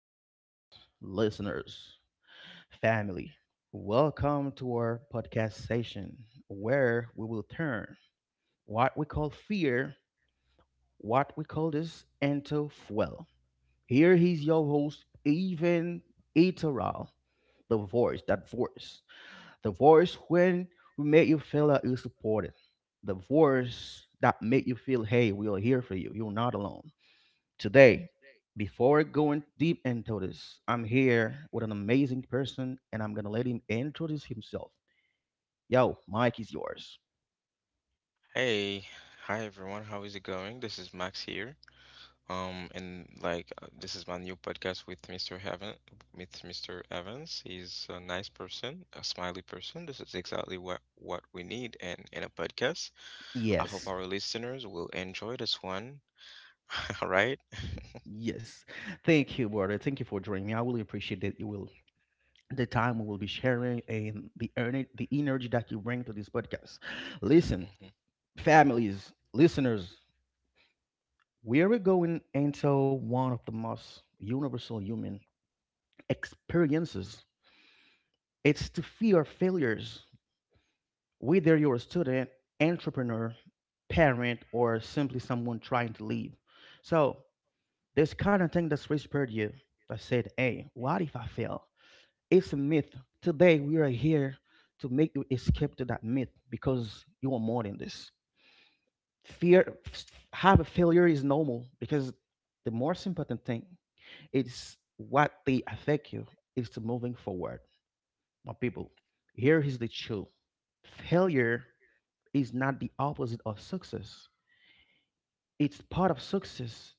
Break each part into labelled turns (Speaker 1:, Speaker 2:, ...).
Speaker 1: friends, listeners, family, welcome to our podcast session where we will turn what we call fear, what we call this, into fuel. Here is your host, Even Iteral, the voice, that voice, the voice when we make you feel that you're supported, the voice that make you feel, hey, we are here for you, you're not alone. Today, before going deep into this, I'm here with an amazing person and I'm gonna let him introduce himself. Yo, Mike is yours.
Speaker 2: Hey, hi everyone. How is it going? This is Max here. And like this is my new podcast with Mr. Heaven, with Mr. Evans. He's a nice person, a smiley person. This is exactly what we need in a podcast. I hope
Speaker 1: Yes.
Speaker 2: our listeners will enjoy this one. All right.
Speaker 1: Yes. Thank you, brother. Thank you for joining me. I really appreciate that you will the time we will be sharing and the earning the energy that you bring to this podcast. Listen,
Speaker 2: Mhm.
Speaker 1: families, listeners, we are going into one of the most universal human experiences. It's to fear failures. Whether you're a student, entrepreneur, parent, or simply someone trying to leave. So this kind of thing that's whispered you that said, hey, what if I fail? It's a myth. Today we are here to make you escape to that myth because you are more than this. Fear habit failure is normal because the most important thing is what they affect you is to moving forward. My people, here is the truth. Failure is not the opposite of success. It's part of success,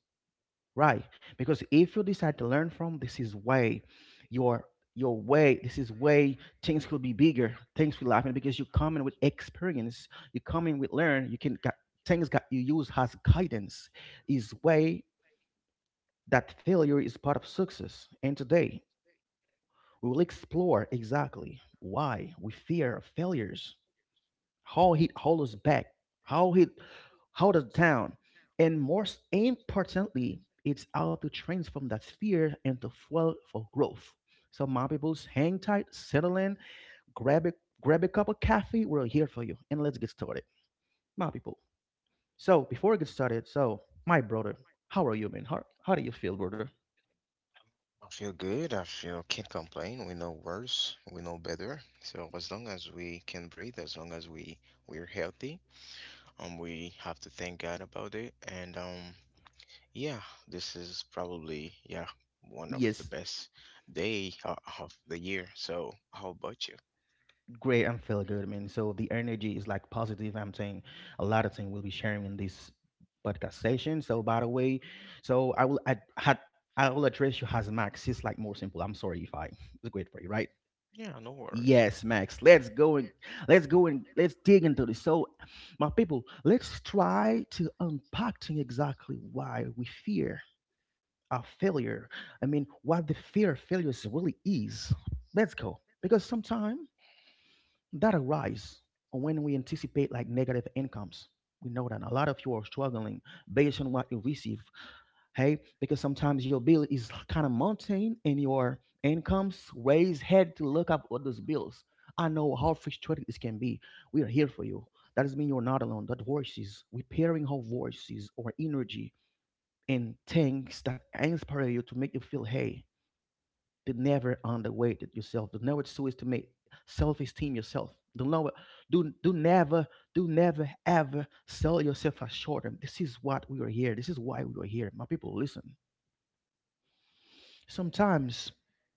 Speaker 1: right? Because if you decide to learn from, this is way your your way. This is way things could be bigger. Things will happen because you come in with experience. You come in with learn. You can got things that you use as guidance. Is way that failure is part of success. And today we will explore exactly why we fear failures, how he hold us back, how he hold us down, and most importantly, it's how to transform that fear into fuel for growth. So my peoples, hang tight, settle in, grab a grab a cup of coffee. We're here for you, and let's get started, my people. So before we get started, so my brother, how are you, man? How do you feel, brother?
Speaker 2: I feel good. I feel can't complain. We know worse. We know better. So as long as we can breathe, as long as we're healthy, we have to thank God about it. And yeah, this is probably, yeah, one of the
Speaker 1: Yes.
Speaker 2: best day of the year. So, how about you?
Speaker 1: Great, I'm feeling good, man. So the energy is like positive. I'm saying a lot of things we'll be sharing in this podcast session. So by the way, so I will address you as Max. It's like more simple. I'm sorry if I it's great for you, right?
Speaker 2: Yeah, no worries.
Speaker 1: Yes, Max. Let's go and let's dig into this. So, my people, let's try to unpacking exactly why we fear our failure. I mean, what the fear of failures really is. Let's go. Because sometimes that arise when we anticipate like negative incomes. We know that a lot of you are struggling based on what you receive. Hey, because sometimes your bill is kind of mountain and your incomes raise head to look up all those bills. I know how frustrated this can be. We are here for you. That doesn't mean you're not alone. That voices, repairing our voices or energy and things that inspire you to make you feel hey to never underweight yourself. To know what so is to make self-esteem yourself. Do know what do do never do never ever sell yourself as short. And this is what we were here. This is why we were here. My people, listen. Sometimes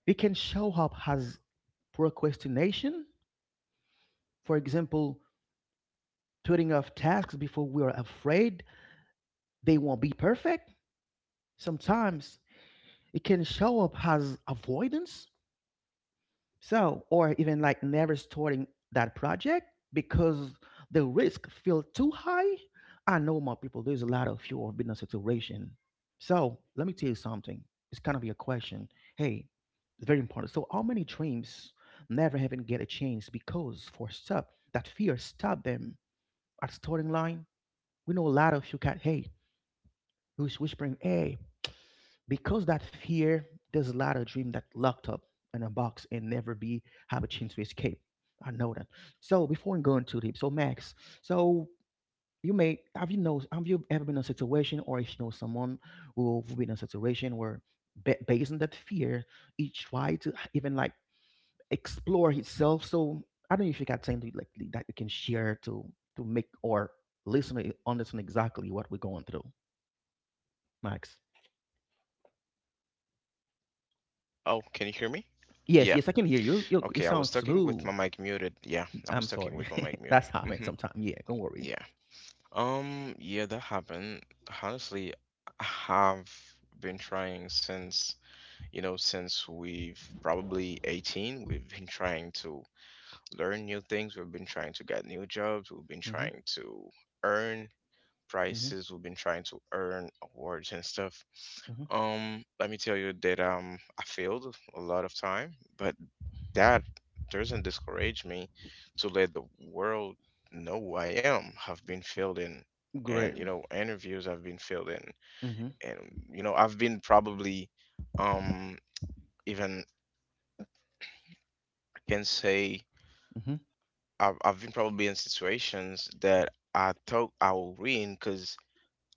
Speaker 1: it can show up as procrastination. For example, putting off tasks before we are afraid they won't be perfect. Sometimes it can show up as avoidance. So, or even like never starting that project because the risk feel too high. I know my people, there's a lot of you have been in a situation. So let me tell you something. It's kind of your question. Hey, it's very important. So how many dreams never even get a chance because for stop that fear stopped them at starting line? We know a lot of you got hey, who's whispering, hey, because that fear there's a lot of dream that locked up in a box and never be have a chance to escape. I know that. So before we go into deep, so Max, so you may have, you know, have you ever been in a situation or if you know someone who've been in a situation where based on that fear he tried to even like explore himself? So I don't know if you got something like that you can share to make or listener understand exactly what we're going through, Max.
Speaker 2: Oh, can you hear me?
Speaker 1: Yes,
Speaker 2: Yeah.
Speaker 1: yes, I can hear you, you
Speaker 2: Okay, I
Speaker 1: sound
Speaker 2: was talking with
Speaker 1: smooth.
Speaker 2: my mic muted. Yeah, I was
Speaker 1: I'm
Speaker 2: talking
Speaker 1: sorry.
Speaker 2: with my mic muted.
Speaker 1: That's happened
Speaker 2: Mm-hmm.
Speaker 1: sometime. Yeah, don't worry.
Speaker 2: Yeah. Yeah, that happened. Honestly, I have been trying since we've probably 18, we've been trying to learn new things, we've been trying to get new jobs, we've been
Speaker 1: Mm-hmm.
Speaker 2: trying to earn
Speaker 1: Mm-hmm.
Speaker 2: prizes. We've been trying to earn awards and stuff.
Speaker 1: Mm-hmm.
Speaker 2: Let me tell you that I failed a lot of time, but that doesn't discourage me to let the world know who I am. I've been failed in, and
Speaker 1: Great.
Speaker 2: interviews I've been failed in,
Speaker 1: Mm-hmm.
Speaker 2: and I've been probably um even, I can say,
Speaker 1: Mm-hmm.
Speaker 2: I've been probably in situations that I thought I will win because.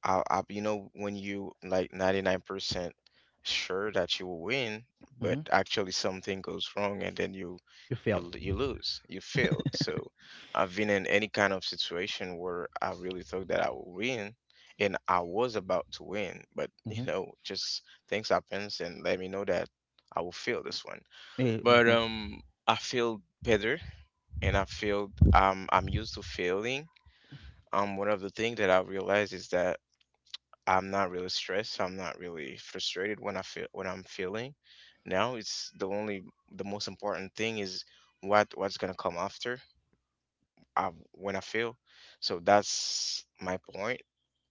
Speaker 2: I, when you like 99% sure that you will win, but
Speaker 1: Mm-hmm.
Speaker 2: actually something goes wrong and then you
Speaker 1: You
Speaker 2: you
Speaker 1: failed.
Speaker 2: l- you lose, you failed. So I've been in any kind of situation where I really thought that I would win and I was about to win, but
Speaker 1: Mm-hmm.
Speaker 2: just things happens and let me know that I will fail this one.
Speaker 1: Yeah,
Speaker 2: But
Speaker 1: mm-hmm.
Speaker 2: I feel better and I feel I'm used to failing. One of the things that I realized is that I'm not really stressed. I'm not really frustrated when I feel, when I'm feeling. Now it's the most important thing is what's gonna come after, when I feel. So that's my point.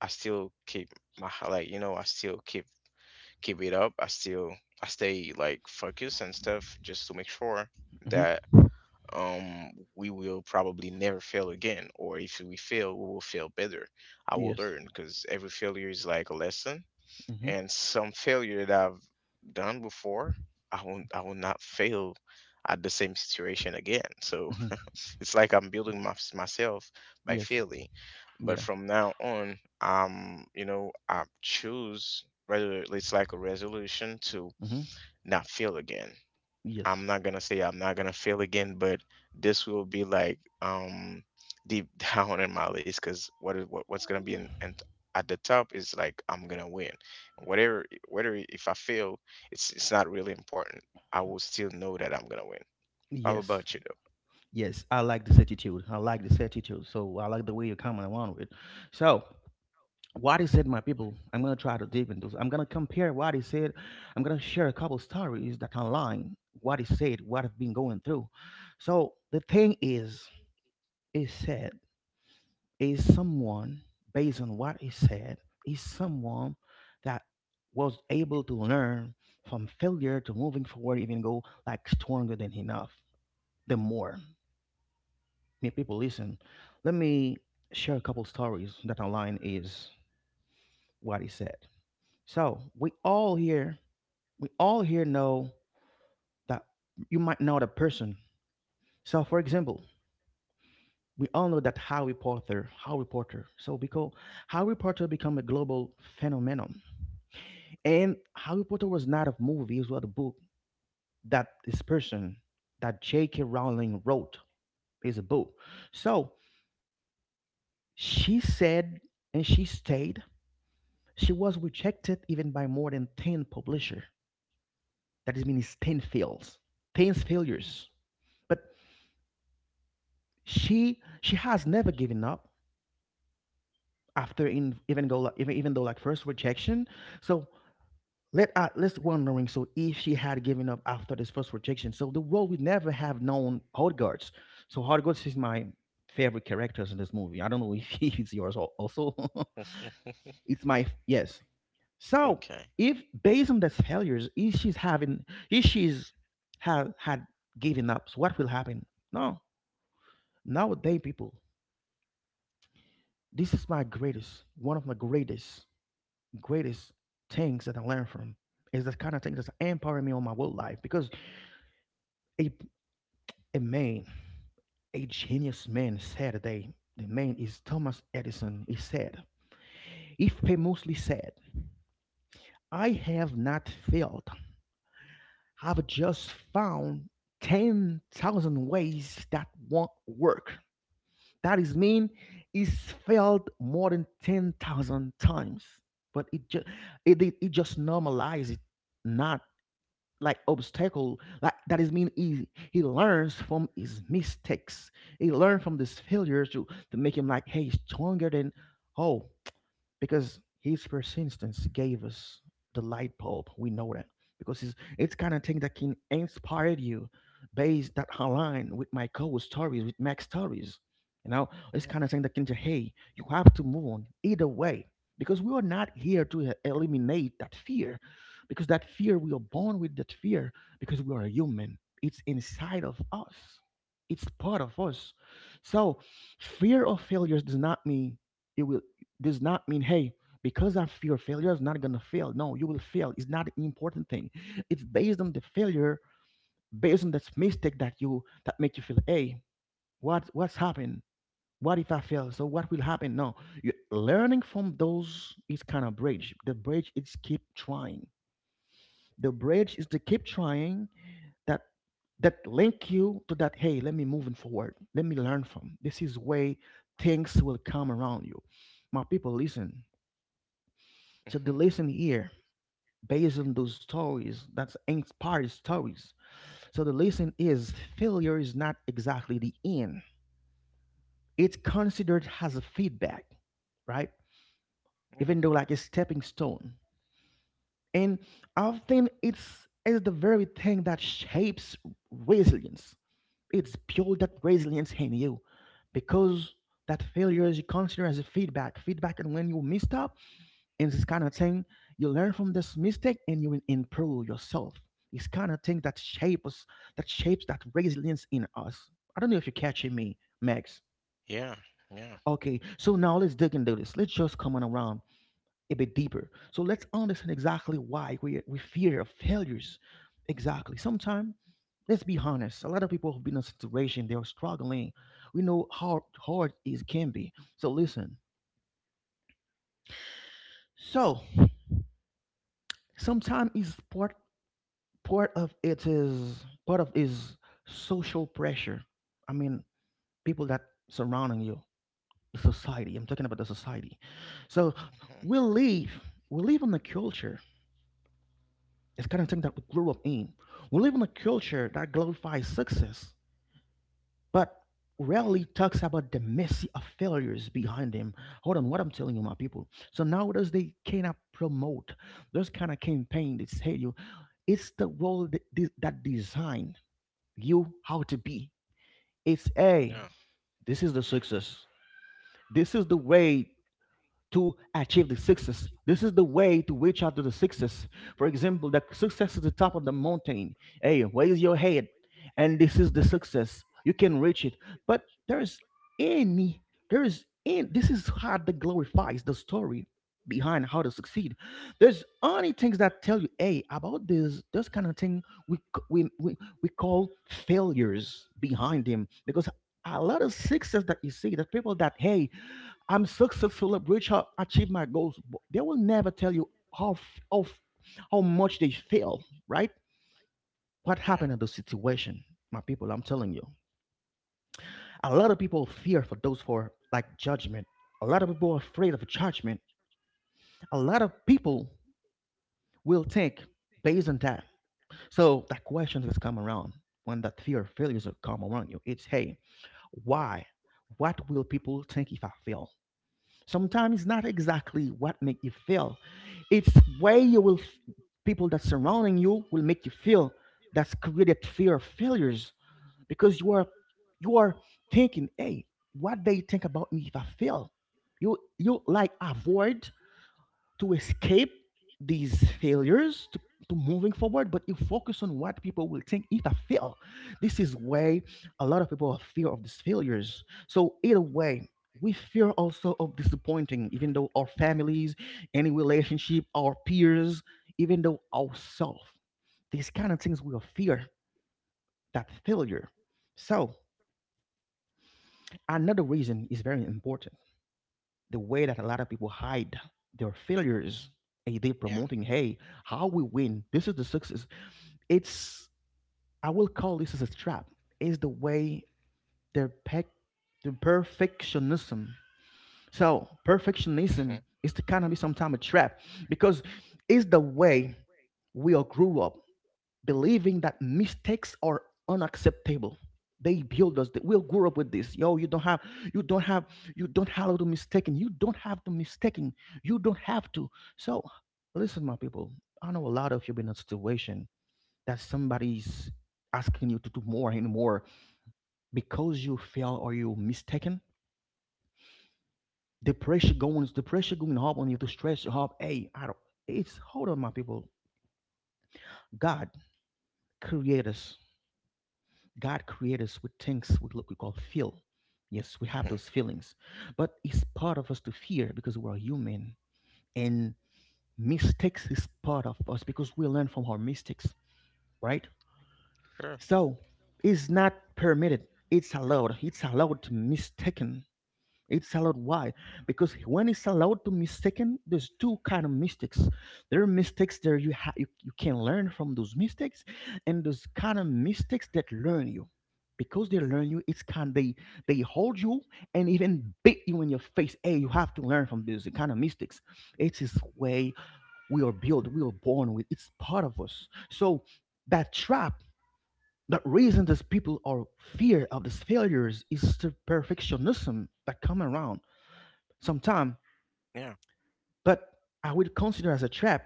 Speaker 2: I still keep like I still keep it up. I stay like focused and stuff just to make sure
Speaker 1: Mm-hmm.
Speaker 2: that we will probably never fail again, or if we fail we will fail better. I will
Speaker 1: Yes.
Speaker 2: learn because every failure is like a lesson,
Speaker 1: Mm-hmm.
Speaker 2: and some failure that I've done before, I will not fail at the same situation again. So
Speaker 1: Mm-hmm.
Speaker 2: it's like I'm building myself by
Speaker 1: Yes.
Speaker 2: failing. But
Speaker 1: Yeah.
Speaker 2: from now on, I choose, rather it's like a resolution to
Speaker 1: Mm-hmm.
Speaker 2: not fail again.
Speaker 1: Yes.
Speaker 2: I'm not gonna say I'm not gonna fail again, but this will be like deep down in my list, because what's gonna be in, and at the top, is like I'm gonna win. Whatever whether if I fail, it's not really important. I will still know that I'm gonna win. How
Speaker 1: Yes.
Speaker 2: about you
Speaker 1: Yes. I like this attitude. I like this attitude. So I like the way you're coming around with. So what he said, my people, I'm gonna try to deep into this. I'm gonna compare what he said. I'm gonna share a couple stories that can align what he said, what I've been going through. So the thing is, he said is someone based on what he said is someone that was able to learn from failure to moving forward, even go like stronger than enough. The more me people listen, let me share a couple stories that align is what he said. So we all here know that you might know the person. So, for example, we all know that Harry Potter. So, because Harry Potter became a global phenomenon, and Harry Potter was not a movie; it was a book that this person, that J.K. Rowling wrote, is a book. So she said, and she stayed. She was rejected even by more than 10 publisher. That is means 10 fails, 10 failures. But she has never given up after in, even go like, even though like first rejection. So let let's wondering so if she had given up after this first rejection. So the world would never have known Hogwarts. So Hogwarts is my favorite characters in this movie. I don't know if it's yours also.
Speaker 2: though?
Speaker 1: Yes. So
Speaker 2: Okay.
Speaker 1: if based on these failures, if she's having if she's had given up, so what will happen? No, nowadays people, this is my greatest, one of my greatest greatest things that I learned from is the kind of thing that's empowering me on my work life because a, a man, a genius man said they the man is Thomas Edison. He said, he famously said, I have not failed. I've just found 10,000 ways that won't work. That is mean he's failed more than 10,000 times, but it just normalized it, not like obstacle like that is mean he learns from his mistakes. He learns from this failure to make him like hey stronger than oh because his persistence gave us the light bulb. We know that because it's kind of thing that can inspire you, based that align with my co-stories, with Max stories. You know, it's
Speaker 2: Yeah.
Speaker 1: kind of thing that can say, hey, you have to move on either way because we are not here to eliminate that fear because that fear we are born with that fear because we are a human. It's inside of us. It's part of us. So fear of failures does not mean you will does not mean, hey, because I fear failure, I'm not gonna fail. No, you will fail. It's not an important thing. It's based on the failure, based on this mistake that you that make you feel, hey, what what's happened? What if I fail? So what will happen? No, you learning from those is kind of bridge. The bridge is keep trying. The bridge is to keep trying that that link you to that. Hey, let me moving forward. Let me learn from. This is way things will come around you. My people, listen. So the
Speaker 2: Hmm.
Speaker 1: lesson here, based on those stories, that's inspired stories, so the lesson is failure is not exactly the end. It's considered as a feedback, right?
Speaker 2: Yeah.
Speaker 1: Even though like a stepping stone, and often it's is the very thing that shapes resilience. It's pure that resilience in you, because that failure is considered as a feedback and when you messed up and this kind of thing, you learn from this mistake and you will improve yourself. It's kind of thing that shapes, that shapes that resilience in us. I don't know if you're catching me, Max.
Speaker 2: Yeah. Yeah.
Speaker 1: Okay, so now let's dig into this, let's just come on around a bit deeper. So let's understand exactly why we fear of failures, exactly sometimes. Let's be honest, a lot of people have been in a situation they are struggling. We know how hard it can be, so listen, so sometimes it's part, part of it is part of is social pressure. I mean, people that surrounding you, the society. I'm talking about the society. So we live, we live in a culture, it's kind of thing that we grew up in. We live in a culture that glorifies success, but
Speaker 2: Hmm.
Speaker 1: rarely
Speaker 2: Hmm.
Speaker 1: talks about the messy of failures behind them. Hold on, what I'm telling you, my people. So nowadays they cannot promote those kind of campaign that say you, it's the role that, that design you how to be. It's a,
Speaker 2: Yeah.
Speaker 1: this is the success. This is the way to achieve the success. This is the way to reach out to the success. For example, the success is the top of the mountain. Hey, raise your head, and this is the success. You can reach it. But there's any, there's in this is how the glorifies the story behind how to succeed. There's only things that tell you, hey, about this, this kind of thing we c- we call failures behind them, because a lot of success that you see, the people that, hey, I'm successful, reach out, achieve my goals. But they will never tell you how f- how f- how much they fail, right? What
Speaker 2: Yeah.
Speaker 1: happened in the situation, my people? I'm telling you, a lot of people fear for those for like judgment. A lot of people are afraid of judgment. A lot of people will think based on that. So that question has come around when that fear of failures will come around you. It's, hey, why? What will people think if I fail? Sometimes it's not exactly what make you feel, it's way you will, people that surrounding you will make you feel, that's created fear of failures, because you are, you are thinking, hey, what they think about me if I fail. You like avoid to escape these failures to moving forward, but you focus on what people will think if I fail. This is why a lot of people have fear of these failures. So either way, we fear also of disappointing even though our families, any relationship, our peers, even though ourselves. These kind of things we fear, that failure. So another reason is very important, the way that a lot of people hide their failures and they
Speaker 2: Yeah.
Speaker 1: promoting, hey, how we win, this is the success. It's, I will call this as a trap. Is the way they're pe- the perfectionism. So
Speaker 2: Hmm.
Speaker 1: perfectionism is to kind of be sometime a trap, because it's the way we all grew up believing that mistakes are unacceptable. They build us. They, we'll grow up with this. Yo, you don't have, you don't have, you don't have to mistaken. You don't have to mistaken. You don't have to. So, listen, my people. I know a lot of you been in a situation that somebody's asking you to do more and more because you fail or you mistaken. The pressure going up on you, to stress you up. Hey, I don't. It's hold on, my people. God created us, God created us with things we call feel. Yes, we have
Speaker 2: Hmm.
Speaker 1: those feelings, but it's part of us to fear because we're human, and mistakes is part of us because we learn from our mistakes, right?
Speaker 2: Sure.
Speaker 1: So it's not permitted, it's allowed. It's allowed to mistaken, it's allowed. Why? Because when it's allowed to mistaken, there's two kind of mistakes. There are mistakes there you can learn from those mistakes, and those kind of mistakes that learn you. Because they learn you, it's kind they hold you and even beat you in your face. Hey, you have to learn from these kind of mistakes. It is way we are built, we are born with. It's part of us. So that trap, the reason these people are fear of these failures is the perfectionism that come around sometime,
Speaker 2: Yeah.
Speaker 1: but I would consider as a trap.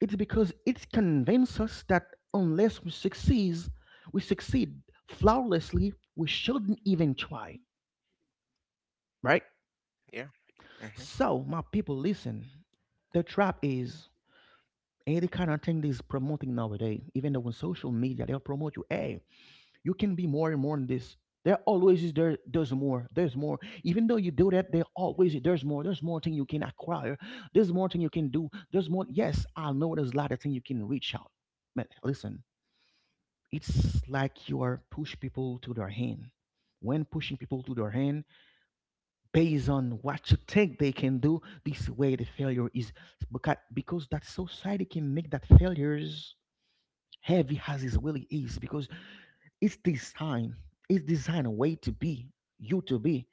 Speaker 1: It's because it convinces us that unless we succeed, we succeed flawlessly, we shouldn't even try, right?
Speaker 2: Yeah. Hmm.
Speaker 1: So, my people, listen. The trap is any kind of thing that is promoting nowadays, even though on social media they'll promote you, hey, you can be more and more than this. There always is there. There's more. There's more. Even though you do that, there's more. There's more thing you can acquire. There's more thing you can do. There's more. Yes, I know there's a lot of thing you can reach out. But listen, it's like you are push people to their hand. When pushing people to their hand, based on what you think they can do, this way the failure is, because that society can make that failures heavy as it really is, because it's designed, it's designed a way to be, you to be,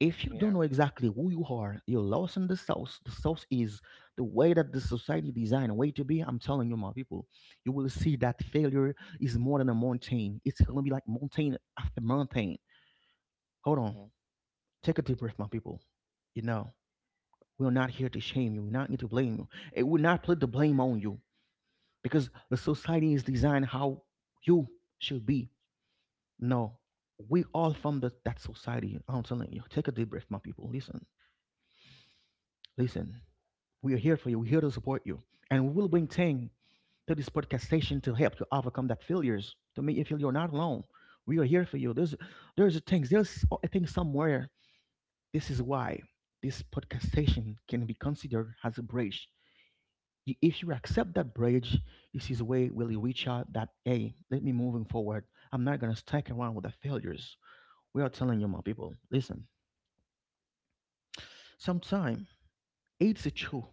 Speaker 1: if you don't
Speaker 2: Yeah.
Speaker 1: know exactly who you are, you're lost in the sauce. The sauce is the way that the society designed a way to be. I'm telling you, my people, you will see that failure is more than a mountain, it's going to be like mountain after mountain. Hold on, take a deep breath, my people. You know, we're not here to shame you, we're not here to blame you, it will not put the blame on you, because the society is designed how you should be. No, we all from the, that society. I'm telling you, take a deep breath, my people. Listen, listen. We are here for you. We're here to support you, and we will bring Tang to this podcast station to help you overcome that failures, to make you feel you're not alone. We are here for you. There's a things, there's a thing somewhere. This is why this podcast station can be considered as a bridge. You- If you accept that bridge, this is a way will you reach out that, hey, let me moving forward. I'm not gonna stick around with the failures. We are telling you, my people, listen, sometimes it's a true.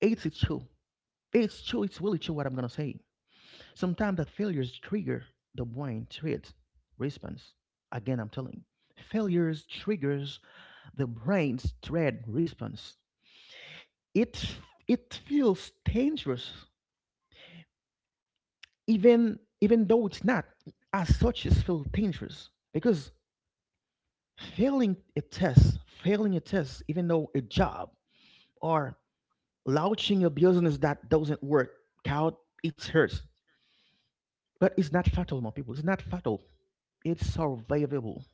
Speaker 1: It's a true. It's true. It's really true what I'm gonna say. Sometimes that failures trigger the brain threat response. Again, I'm telling. Failures triggers the brain's threat response. It it feels dangerous, even though it's not as such, it's feel dangerous, because failing a test, failing a test, even though a job, or launching a business that doesn't work out, it hurts. But it's not
Speaker 2: Hmm.
Speaker 1: fatal, my people. It's not fatal. It's survivable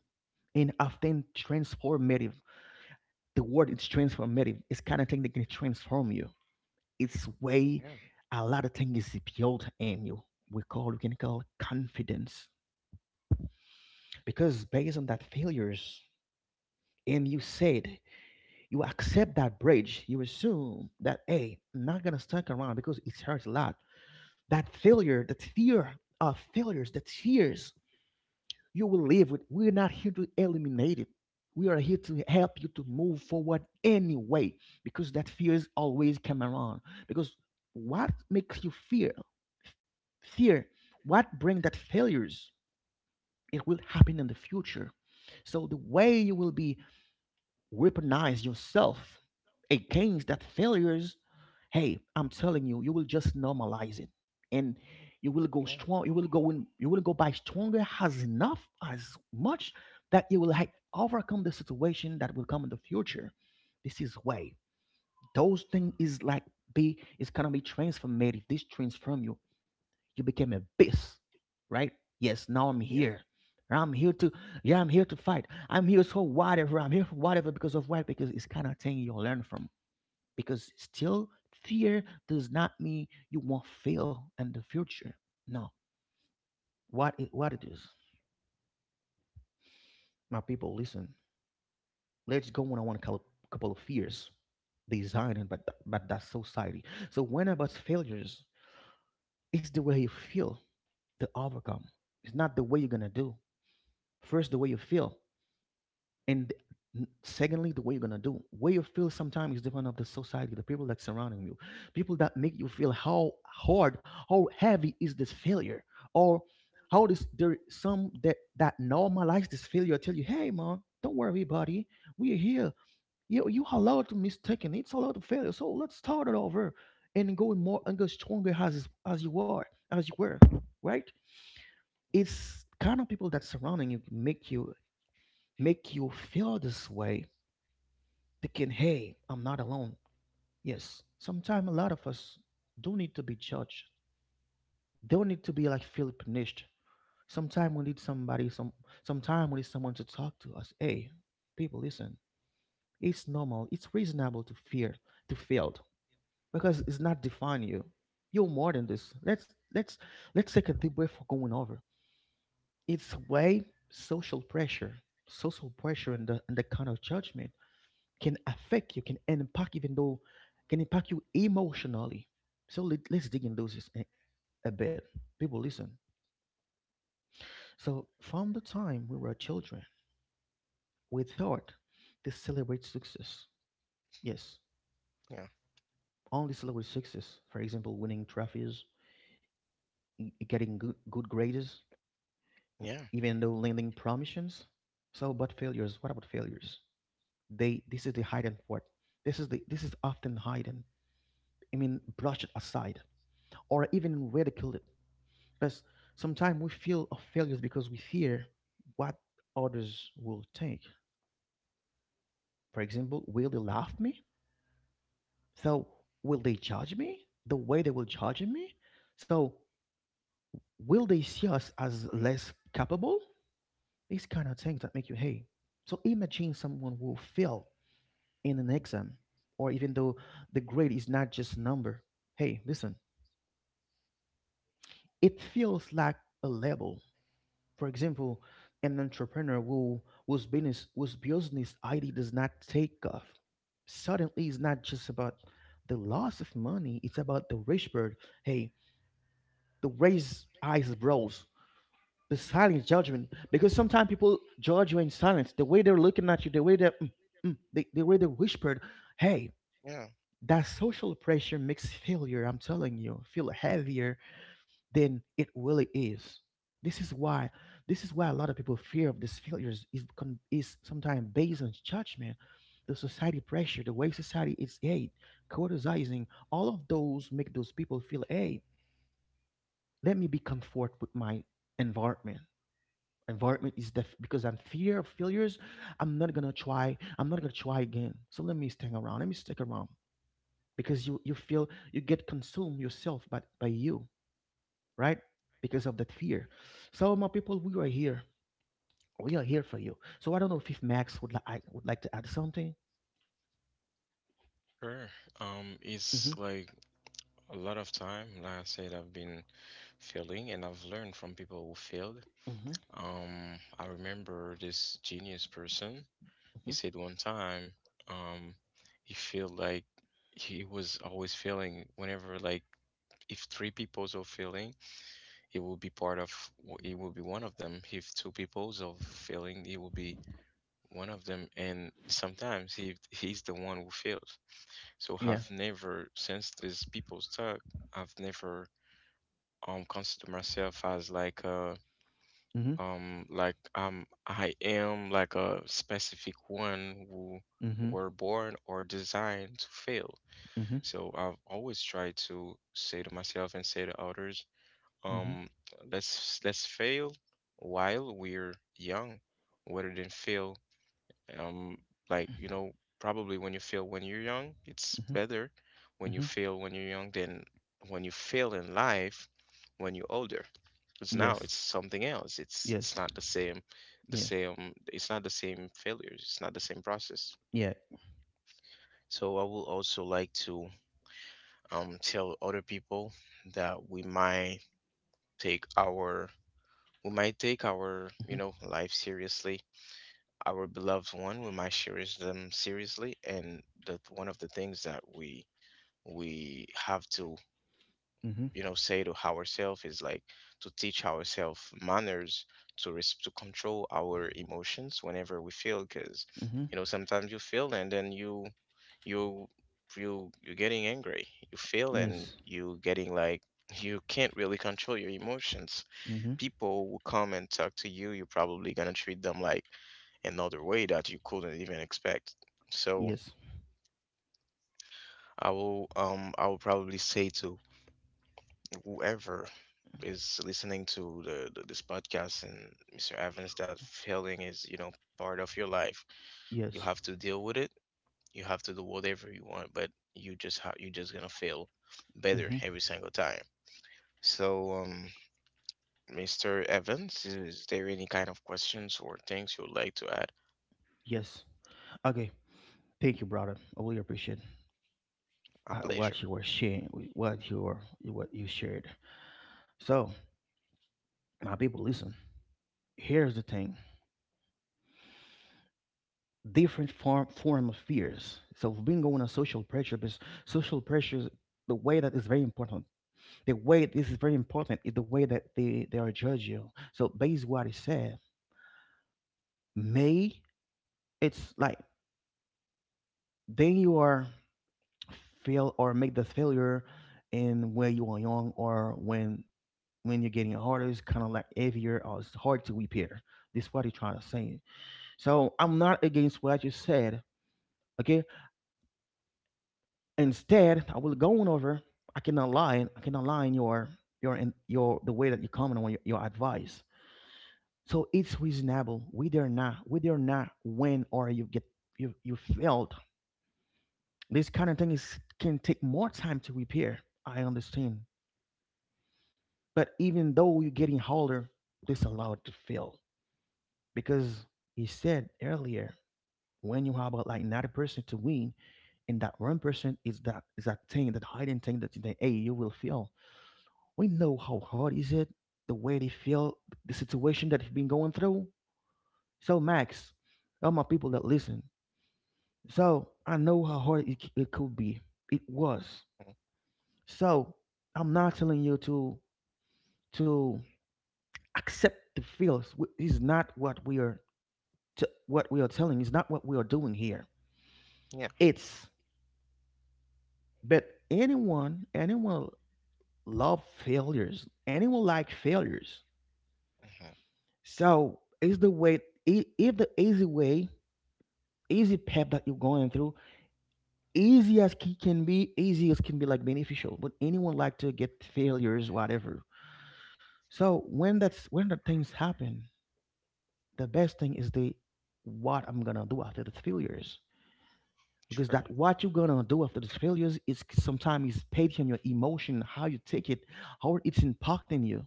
Speaker 1: and often transformative. The word is transformative. It's kind of thing that can transform you. It's way
Speaker 2: Yeah.
Speaker 1: a lot of things is built in you. We call, we can call confidence, because based on that failures, and you said you accept that bridge. You assume that, hey, I'm not gonna stuck around because it hurts a lot. That failure, that fear of failures, the tears, you will live with. We're not here to eliminate it. We are here to help you to move forward anyway, because that fear is always coming around. Because what makes you fear? Fear. What brings that failures? It will happen in the future. So the way you will be, recognize yourself against that failures, hey, I'm telling you, you will just normalize it, and you will go
Speaker 2: Yeah.
Speaker 1: strong, you will go in, you will go by stronger as enough as much that you will like overcome the situation that will come in the future. This is way those things is like be, it's gonna be transformative, this transform you, you became a beast, right? Yes, now I'm
Speaker 2: Yeah.
Speaker 1: here. I'm here to, yeah, I'm here to fight. I'm here so whatever. I'm here for whatever because of why? Because it's kind of thing you'll learn from. Because still, fear does not mean you won't fail in the future. No, what it is, my people, listen. Let's go on one couple, couple of fears designed by by that society. So when about failures, it's the way you feel to overcome. It's not the way you're gonna do. First, the way you feel, and th- secondly the way you're gonna do, way you feel sometimes is different of the society, the people that surrounding you, people that make you feel how hard, how heavy is this failure, or how this, there some that that normalize this failure, tell you, hey man, don't worry buddy, we're here, you allowed to mistaken, it's allowed to failure, so let's start it over and go more and go stronger as you are as you were, right? It's kind of people that surrounding you make you, make you feel this way, thinking, hey, I'm not alone. Yes, sometimes a lot of us do need to be judged. Don't need to be like feel punished. Sometimes we need somebody, some, sometimes we need someone to talk to us. Hey, people, listen. It's normal. It's reasonable to fear, to fail, because it's not define you. You're more than this. Let's take a deep breath for going over. It's way social pressure, social pressure, and the kind of judgment can affect you, can impact even though can impact you emotionally. So let, us dig into this a bit. People listen. So from the time we were children, we thought to celebrate success. Yes,
Speaker 2: Yeah,
Speaker 1: only celebrate success. For example, winning trophies, getting good grades,
Speaker 2: yeah,
Speaker 1: even though landing promotions. So, but failures. What about failures? They. This is the hidden part. This is the. This is often hidden. I mean, brushed aside or even ridiculed. Because sometimes we feel of failures because we fear what others will think. For example, will they laugh me? So will they judge me the way they will judge me? So will they see us as less capable? These kind of things that make you hate. So imagine someone will fail in an exam, or even though the grade is not just a number. Hey, listen, it feels like a label. For example, an entrepreneur whose business whose business idea does not take off. Suddenly is not just about the loss of money, it's about the rich bird. Hey, the raised eyes bros, the silent judgment. Because sometimes people judge you in silence. The way they're looking at you, the way they're mm, mm, the way they whispered, hey,
Speaker 2: yeah,
Speaker 1: that social pressure makes failure, I'm telling you, feel heavier than it really is. This is why this is why a lot of people fear of these failures is sometimes based on judgment, the society pressure, the way society is, hey, criticizing, all of those make those people feel, hey, let me be comfort with my environment. Because I'm fear of failures. I'm not gonna try. I'm not gonna try again. So let me stick around. Let me stick around because you feel you get consumed yourself by you, right? Because of that fear. So, my people, we are here. We are here for you. So, I don't know if Max would, I would like to add something.
Speaker 2: sure. It's
Speaker 1: Mm-hmm.
Speaker 2: like a lot of time, like I said, I've been failing and I've learned from people who failed.
Speaker 1: Mm-hmm.
Speaker 2: I remember this genius person. He
Speaker 1: Hmm.
Speaker 2: said one time, um, he felt like he was always failing whenever, like, if three peoples are failing, it will be it will be one of them. If two peoples are failing, it will be one of them. And sometimes he's the one who failed. So I've
Speaker 1: Yeah.
Speaker 2: never, since these people talk, I've never considered myself as like a
Speaker 1: Mm-hmm.
Speaker 2: like I am like a specific one who
Speaker 1: Mm-hmm.
Speaker 2: were born or designed to fail.
Speaker 1: Mm-hmm.
Speaker 2: So I've always tried to say to myself and say to others,
Speaker 1: Mm-hmm.
Speaker 2: um, let's fail while we're young, rather than fail um like probably. When you fail when you're young, it's
Speaker 1: Mm-hmm.
Speaker 2: better when you
Speaker 1: Mm-hmm.
Speaker 2: fail when you're young than when you fail in life when you're older, because now
Speaker 1: Yes.
Speaker 2: it's something else. It's
Speaker 1: Yes.
Speaker 2: not the same, the
Speaker 1: Yeah.
Speaker 2: same, it's not the same failures, it's not the same process.
Speaker 1: Yeah.
Speaker 2: So I will also like to tell other people that we might take our take our,
Speaker 1: Mm-hmm.
Speaker 2: life seriously, our beloved one. We might cherish them seriously, and that one of the things that we have to,
Speaker 1: Mm-hmm.
Speaker 2: say to ourselves is like to teach ourselves manners, to control our emotions whenever we feel, because
Speaker 1: Mm-hmm.
Speaker 2: sometimes you feel, and then you you're getting angry. You feel and
Speaker 1: Yes.
Speaker 2: you getting like, you can't really control your emotions.
Speaker 1: Mm-hmm.
Speaker 2: People will come and talk to you, you're probably gonna treat them like another way that you couldn't even expect. So
Speaker 1: Yes.
Speaker 2: I will probably say to whoever is listening to the this podcast, and Mr. Evans, that failing is, part of your life. You
Speaker 1: Yes.
Speaker 2: have to deal with it. You have to do whatever you want, but you just gonna fail better
Speaker 1: Mm-hmm.
Speaker 2: every single time. So Mr. Evans, is there any kind of questions or things you would like to add?
Speaker 1: Yes. Okay. Thank you, brother. I really appreciate
Speaker 2: A pleasure.
Speaker 1: what you were sharing, what you were, what you shared. So, my people, listen. Here's the thing. Different form of fears. So being going on social pressure, because social pressure, the way that is very important. The way this is very important is the way that they are judge you. So based what is said, may it's like then you are fail or make the failure in when you are young or when you're getting harder it's kind of like heavier or it's hard to repair. This is what you're trying to say. So I'm not against what you said. Okay, instead, I will go on over. I cannot lie. I cannot lie in your in your the way that you comment on your advice. So it's reasonable. Whether or not, when or you get you failed. This kind of thing is can take more time to repair. I understand. But even though you're getting older, this allowed to fail because he said earlier when you have about like 90% to win, and that 1% is that thing that hiding thing that you think, hey, you will fail. We know how hard is it, the way they feel, the situation that they've been going through. So Max, all my people that listen, so I know how hard it, it could be. It was.
Speaker 2: Mhm.
Speaker 1: So I'm not telling you to accept the feels. Is not what we are what we are telling. Is not what we are doing here.
Speaker 2: Yeah.
Speaker 1: It's but anyone love failures. Anyone like failures.
Speaker 2: Hmm.
Speaker 1: So is the way if the easy way easy path that you're going through easy as it can be easy as can be like beneficial but anyone like to get failures whatever. So when that's when the things happen, the best thing is the what I'm gonna do after the failures, because
Speaker 2: Sure.
Speaker 1: that what you're gonna do after these failures is sometimes is based on your emotion, how you take it, how it's impacting you,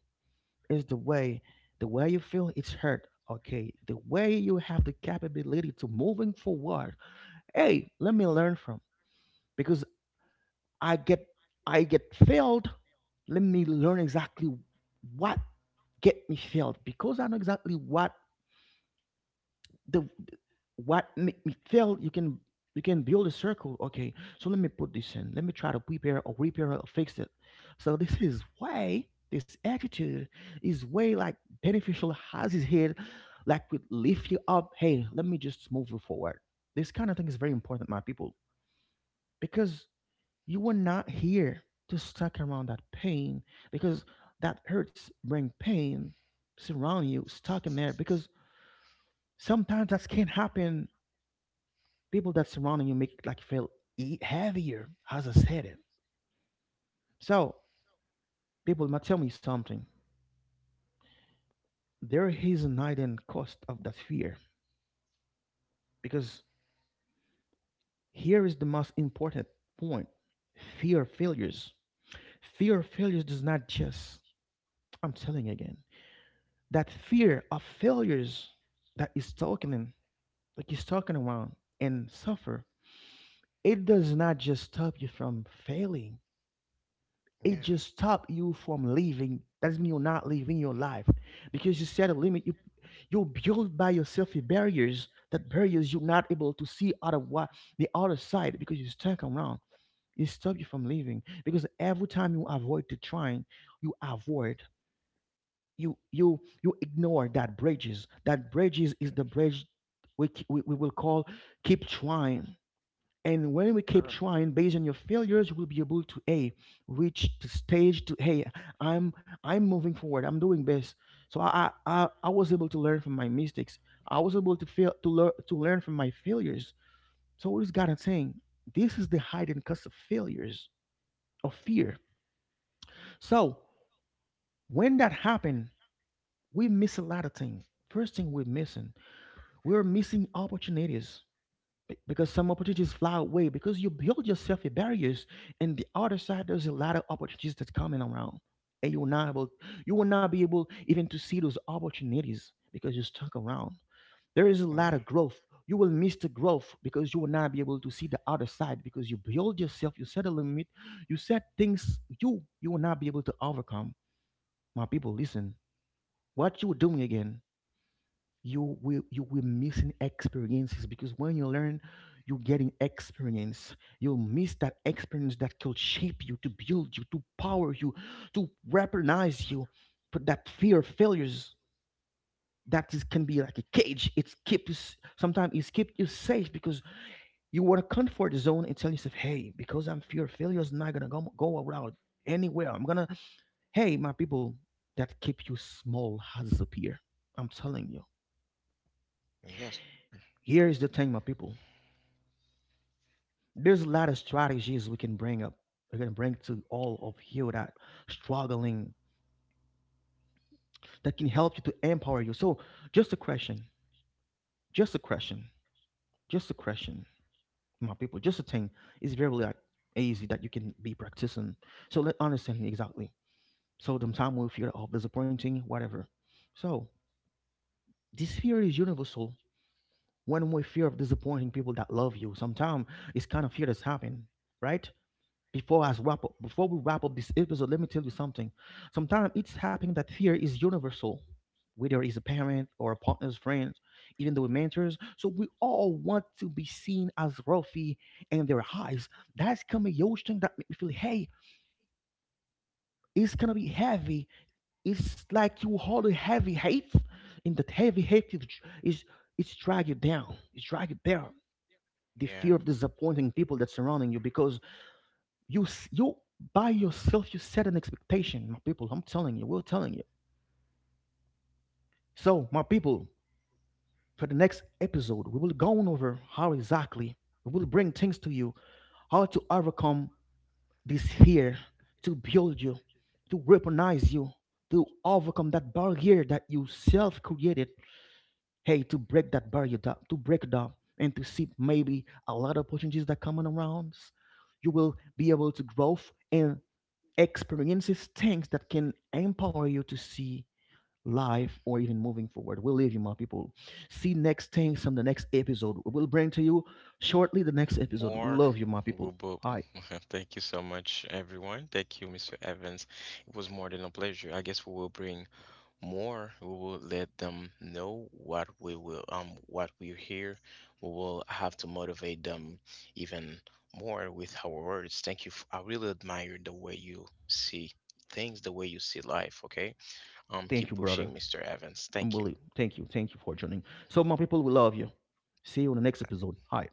Speaker 1: is the way you feel it's hurt, okay, the way you have the capability to moving forward. Hey, let me learn from, because I get I get failed, let me learn exactly what get me failed because I know exactly what the what make me fail. You can build a circle. Okay, so let me put this in. Let me try to prepare or repair or fix it. So this is why this attitude is way like beneficial, has his head like would lift you up. Hey, let me just move you forward. This kind of thing is very important, my people, because you were not here to stuck around that pain, because that hurts bring pain surrounding you, stuck in there, because sometimes that can happen. People that surrounding you make it like feel heavier, as I said it. So people might tell me something. There is an hidden cost of that fear because here is the most important point: fear of failures. Fear of failures does not just. I'm telling you again that fear of failures that is talking, like he's talking around and suffer, it does not just stop you from failing, it
Speaker 2: Yeah.
Speaker 1: just stop you from living, that means you're not living your life because you set a limit, you build by yourself the barriers, that barriers you're not able to see out of what the other side because you're stuck around. It stop you from living because every time you avoid the trying, you avoid, you ignore that bridges, that bridges is the bridge we will call keep trying. And when we keep
Speaker 2: Sure.
Speaker 1: trying based on your failures, you will be able to a reach the stage to, hey, I'm moving forward. I'm doing best. So I was able to learn from my mistakes. I was able to fail to learn from my failures. So what is God saying? This is the hidden cost of failures of fear. So when that happened, we miss a lot of things. First thing we're missing opportunities. Because some opportunities fly away because you build yourself a barriers, and the other side there's a lot of opportunities that's coming around, and you will not be able even to see those opportunities because you're stuck around. There is a lot
Speaker 2: Yeah.
Speaker 1: of growth. You will miss the growth because you will not be able to see the other side because you build yourself, you set a limit, you set things, you will not be able to overcome. My people, listen, what you were doing again, you will missing experiences, because when you learn, you're getting experience, you'll miss that experience that could shape you to build you to power you to recognize you. But that fear of failures, that is can be like a cage. It keeps, sometimes it keeps you safe, because you want to comfort zone and tell yourself, hey, because I'm fear of failure is not gonna go around anywhere, I'm gonna, hey, my people, that keep you small has appear, I'm telling you.
Speaker 2: Yeah. Sure.
Speaker 1: Here is the thing, my people, there's a lot of strategies we can bring up, we are gonna bring to all of you that struggling, that can help you to empower you. So just a question, just a question, just a question, my people, just a thing, it's very like easy that you can be practicing. So let understanding exactly, so sometimes we fear of disappointing whatever. So this fear is universal. When we fear of disappointing people that love you sometimes, it's kind of fear that's happened, right? Before we wrap up this episode, let me tell you something. Sometimes it's happening that fear is universal, whether it's a parent or a partner's friend, even though we're mentors. So we all want to be seen as Rafi in their eyes. That's kind of a huge thing that make me feel, hey, it's gonna be heavy. It's like you hold a heavy hate, and that heavy hate is it's drag you down. It's drag you down. The
Speaker 2: Yeah.
Speaker 1: fear of disappointing people that's surrounding you, because you by yourself you set an expectation, my people, I'm telling you, we're telling you. So my people, for the next episode we will go on over how exactly we will bring things to you, how to overcome this fear, to build you, to weaponize you, to overcome that barrier that you self created. Hey, to break that barrier down, to break it down, and to see maybe a lot of opportunities that coming around, you will be able to grow, and experiences, things that can empower you to see life or even moving forward. We'll leave you, my people. See next things on the next episode. We'll bring to you shortly the next episode. We
Speaker 2: More.
Speaker 1: love you, my
Speaker 2: We
Speaker 1: people. Hi.
Speaker 2: thank you so much, everyone. Thank you, Mr. Evans. It was more than a pleasure. I guess we will bring more, we will let them know what we're here. We will have to motivate them even more with our words. Thank you, I really admire the way you see things, the way you see life. Okay.
Speaker 1: Thank
Speaker 2: Keep
Speaker 1: you, brother.
Speaker 2: pushing, Mr. Evans.
Speaker 1: I'm
Speaker 2: Thank you.
Speaker 1: Willie. Thank you. Thank you for joining. So, my people, we love you. See you on the next episode. Hi.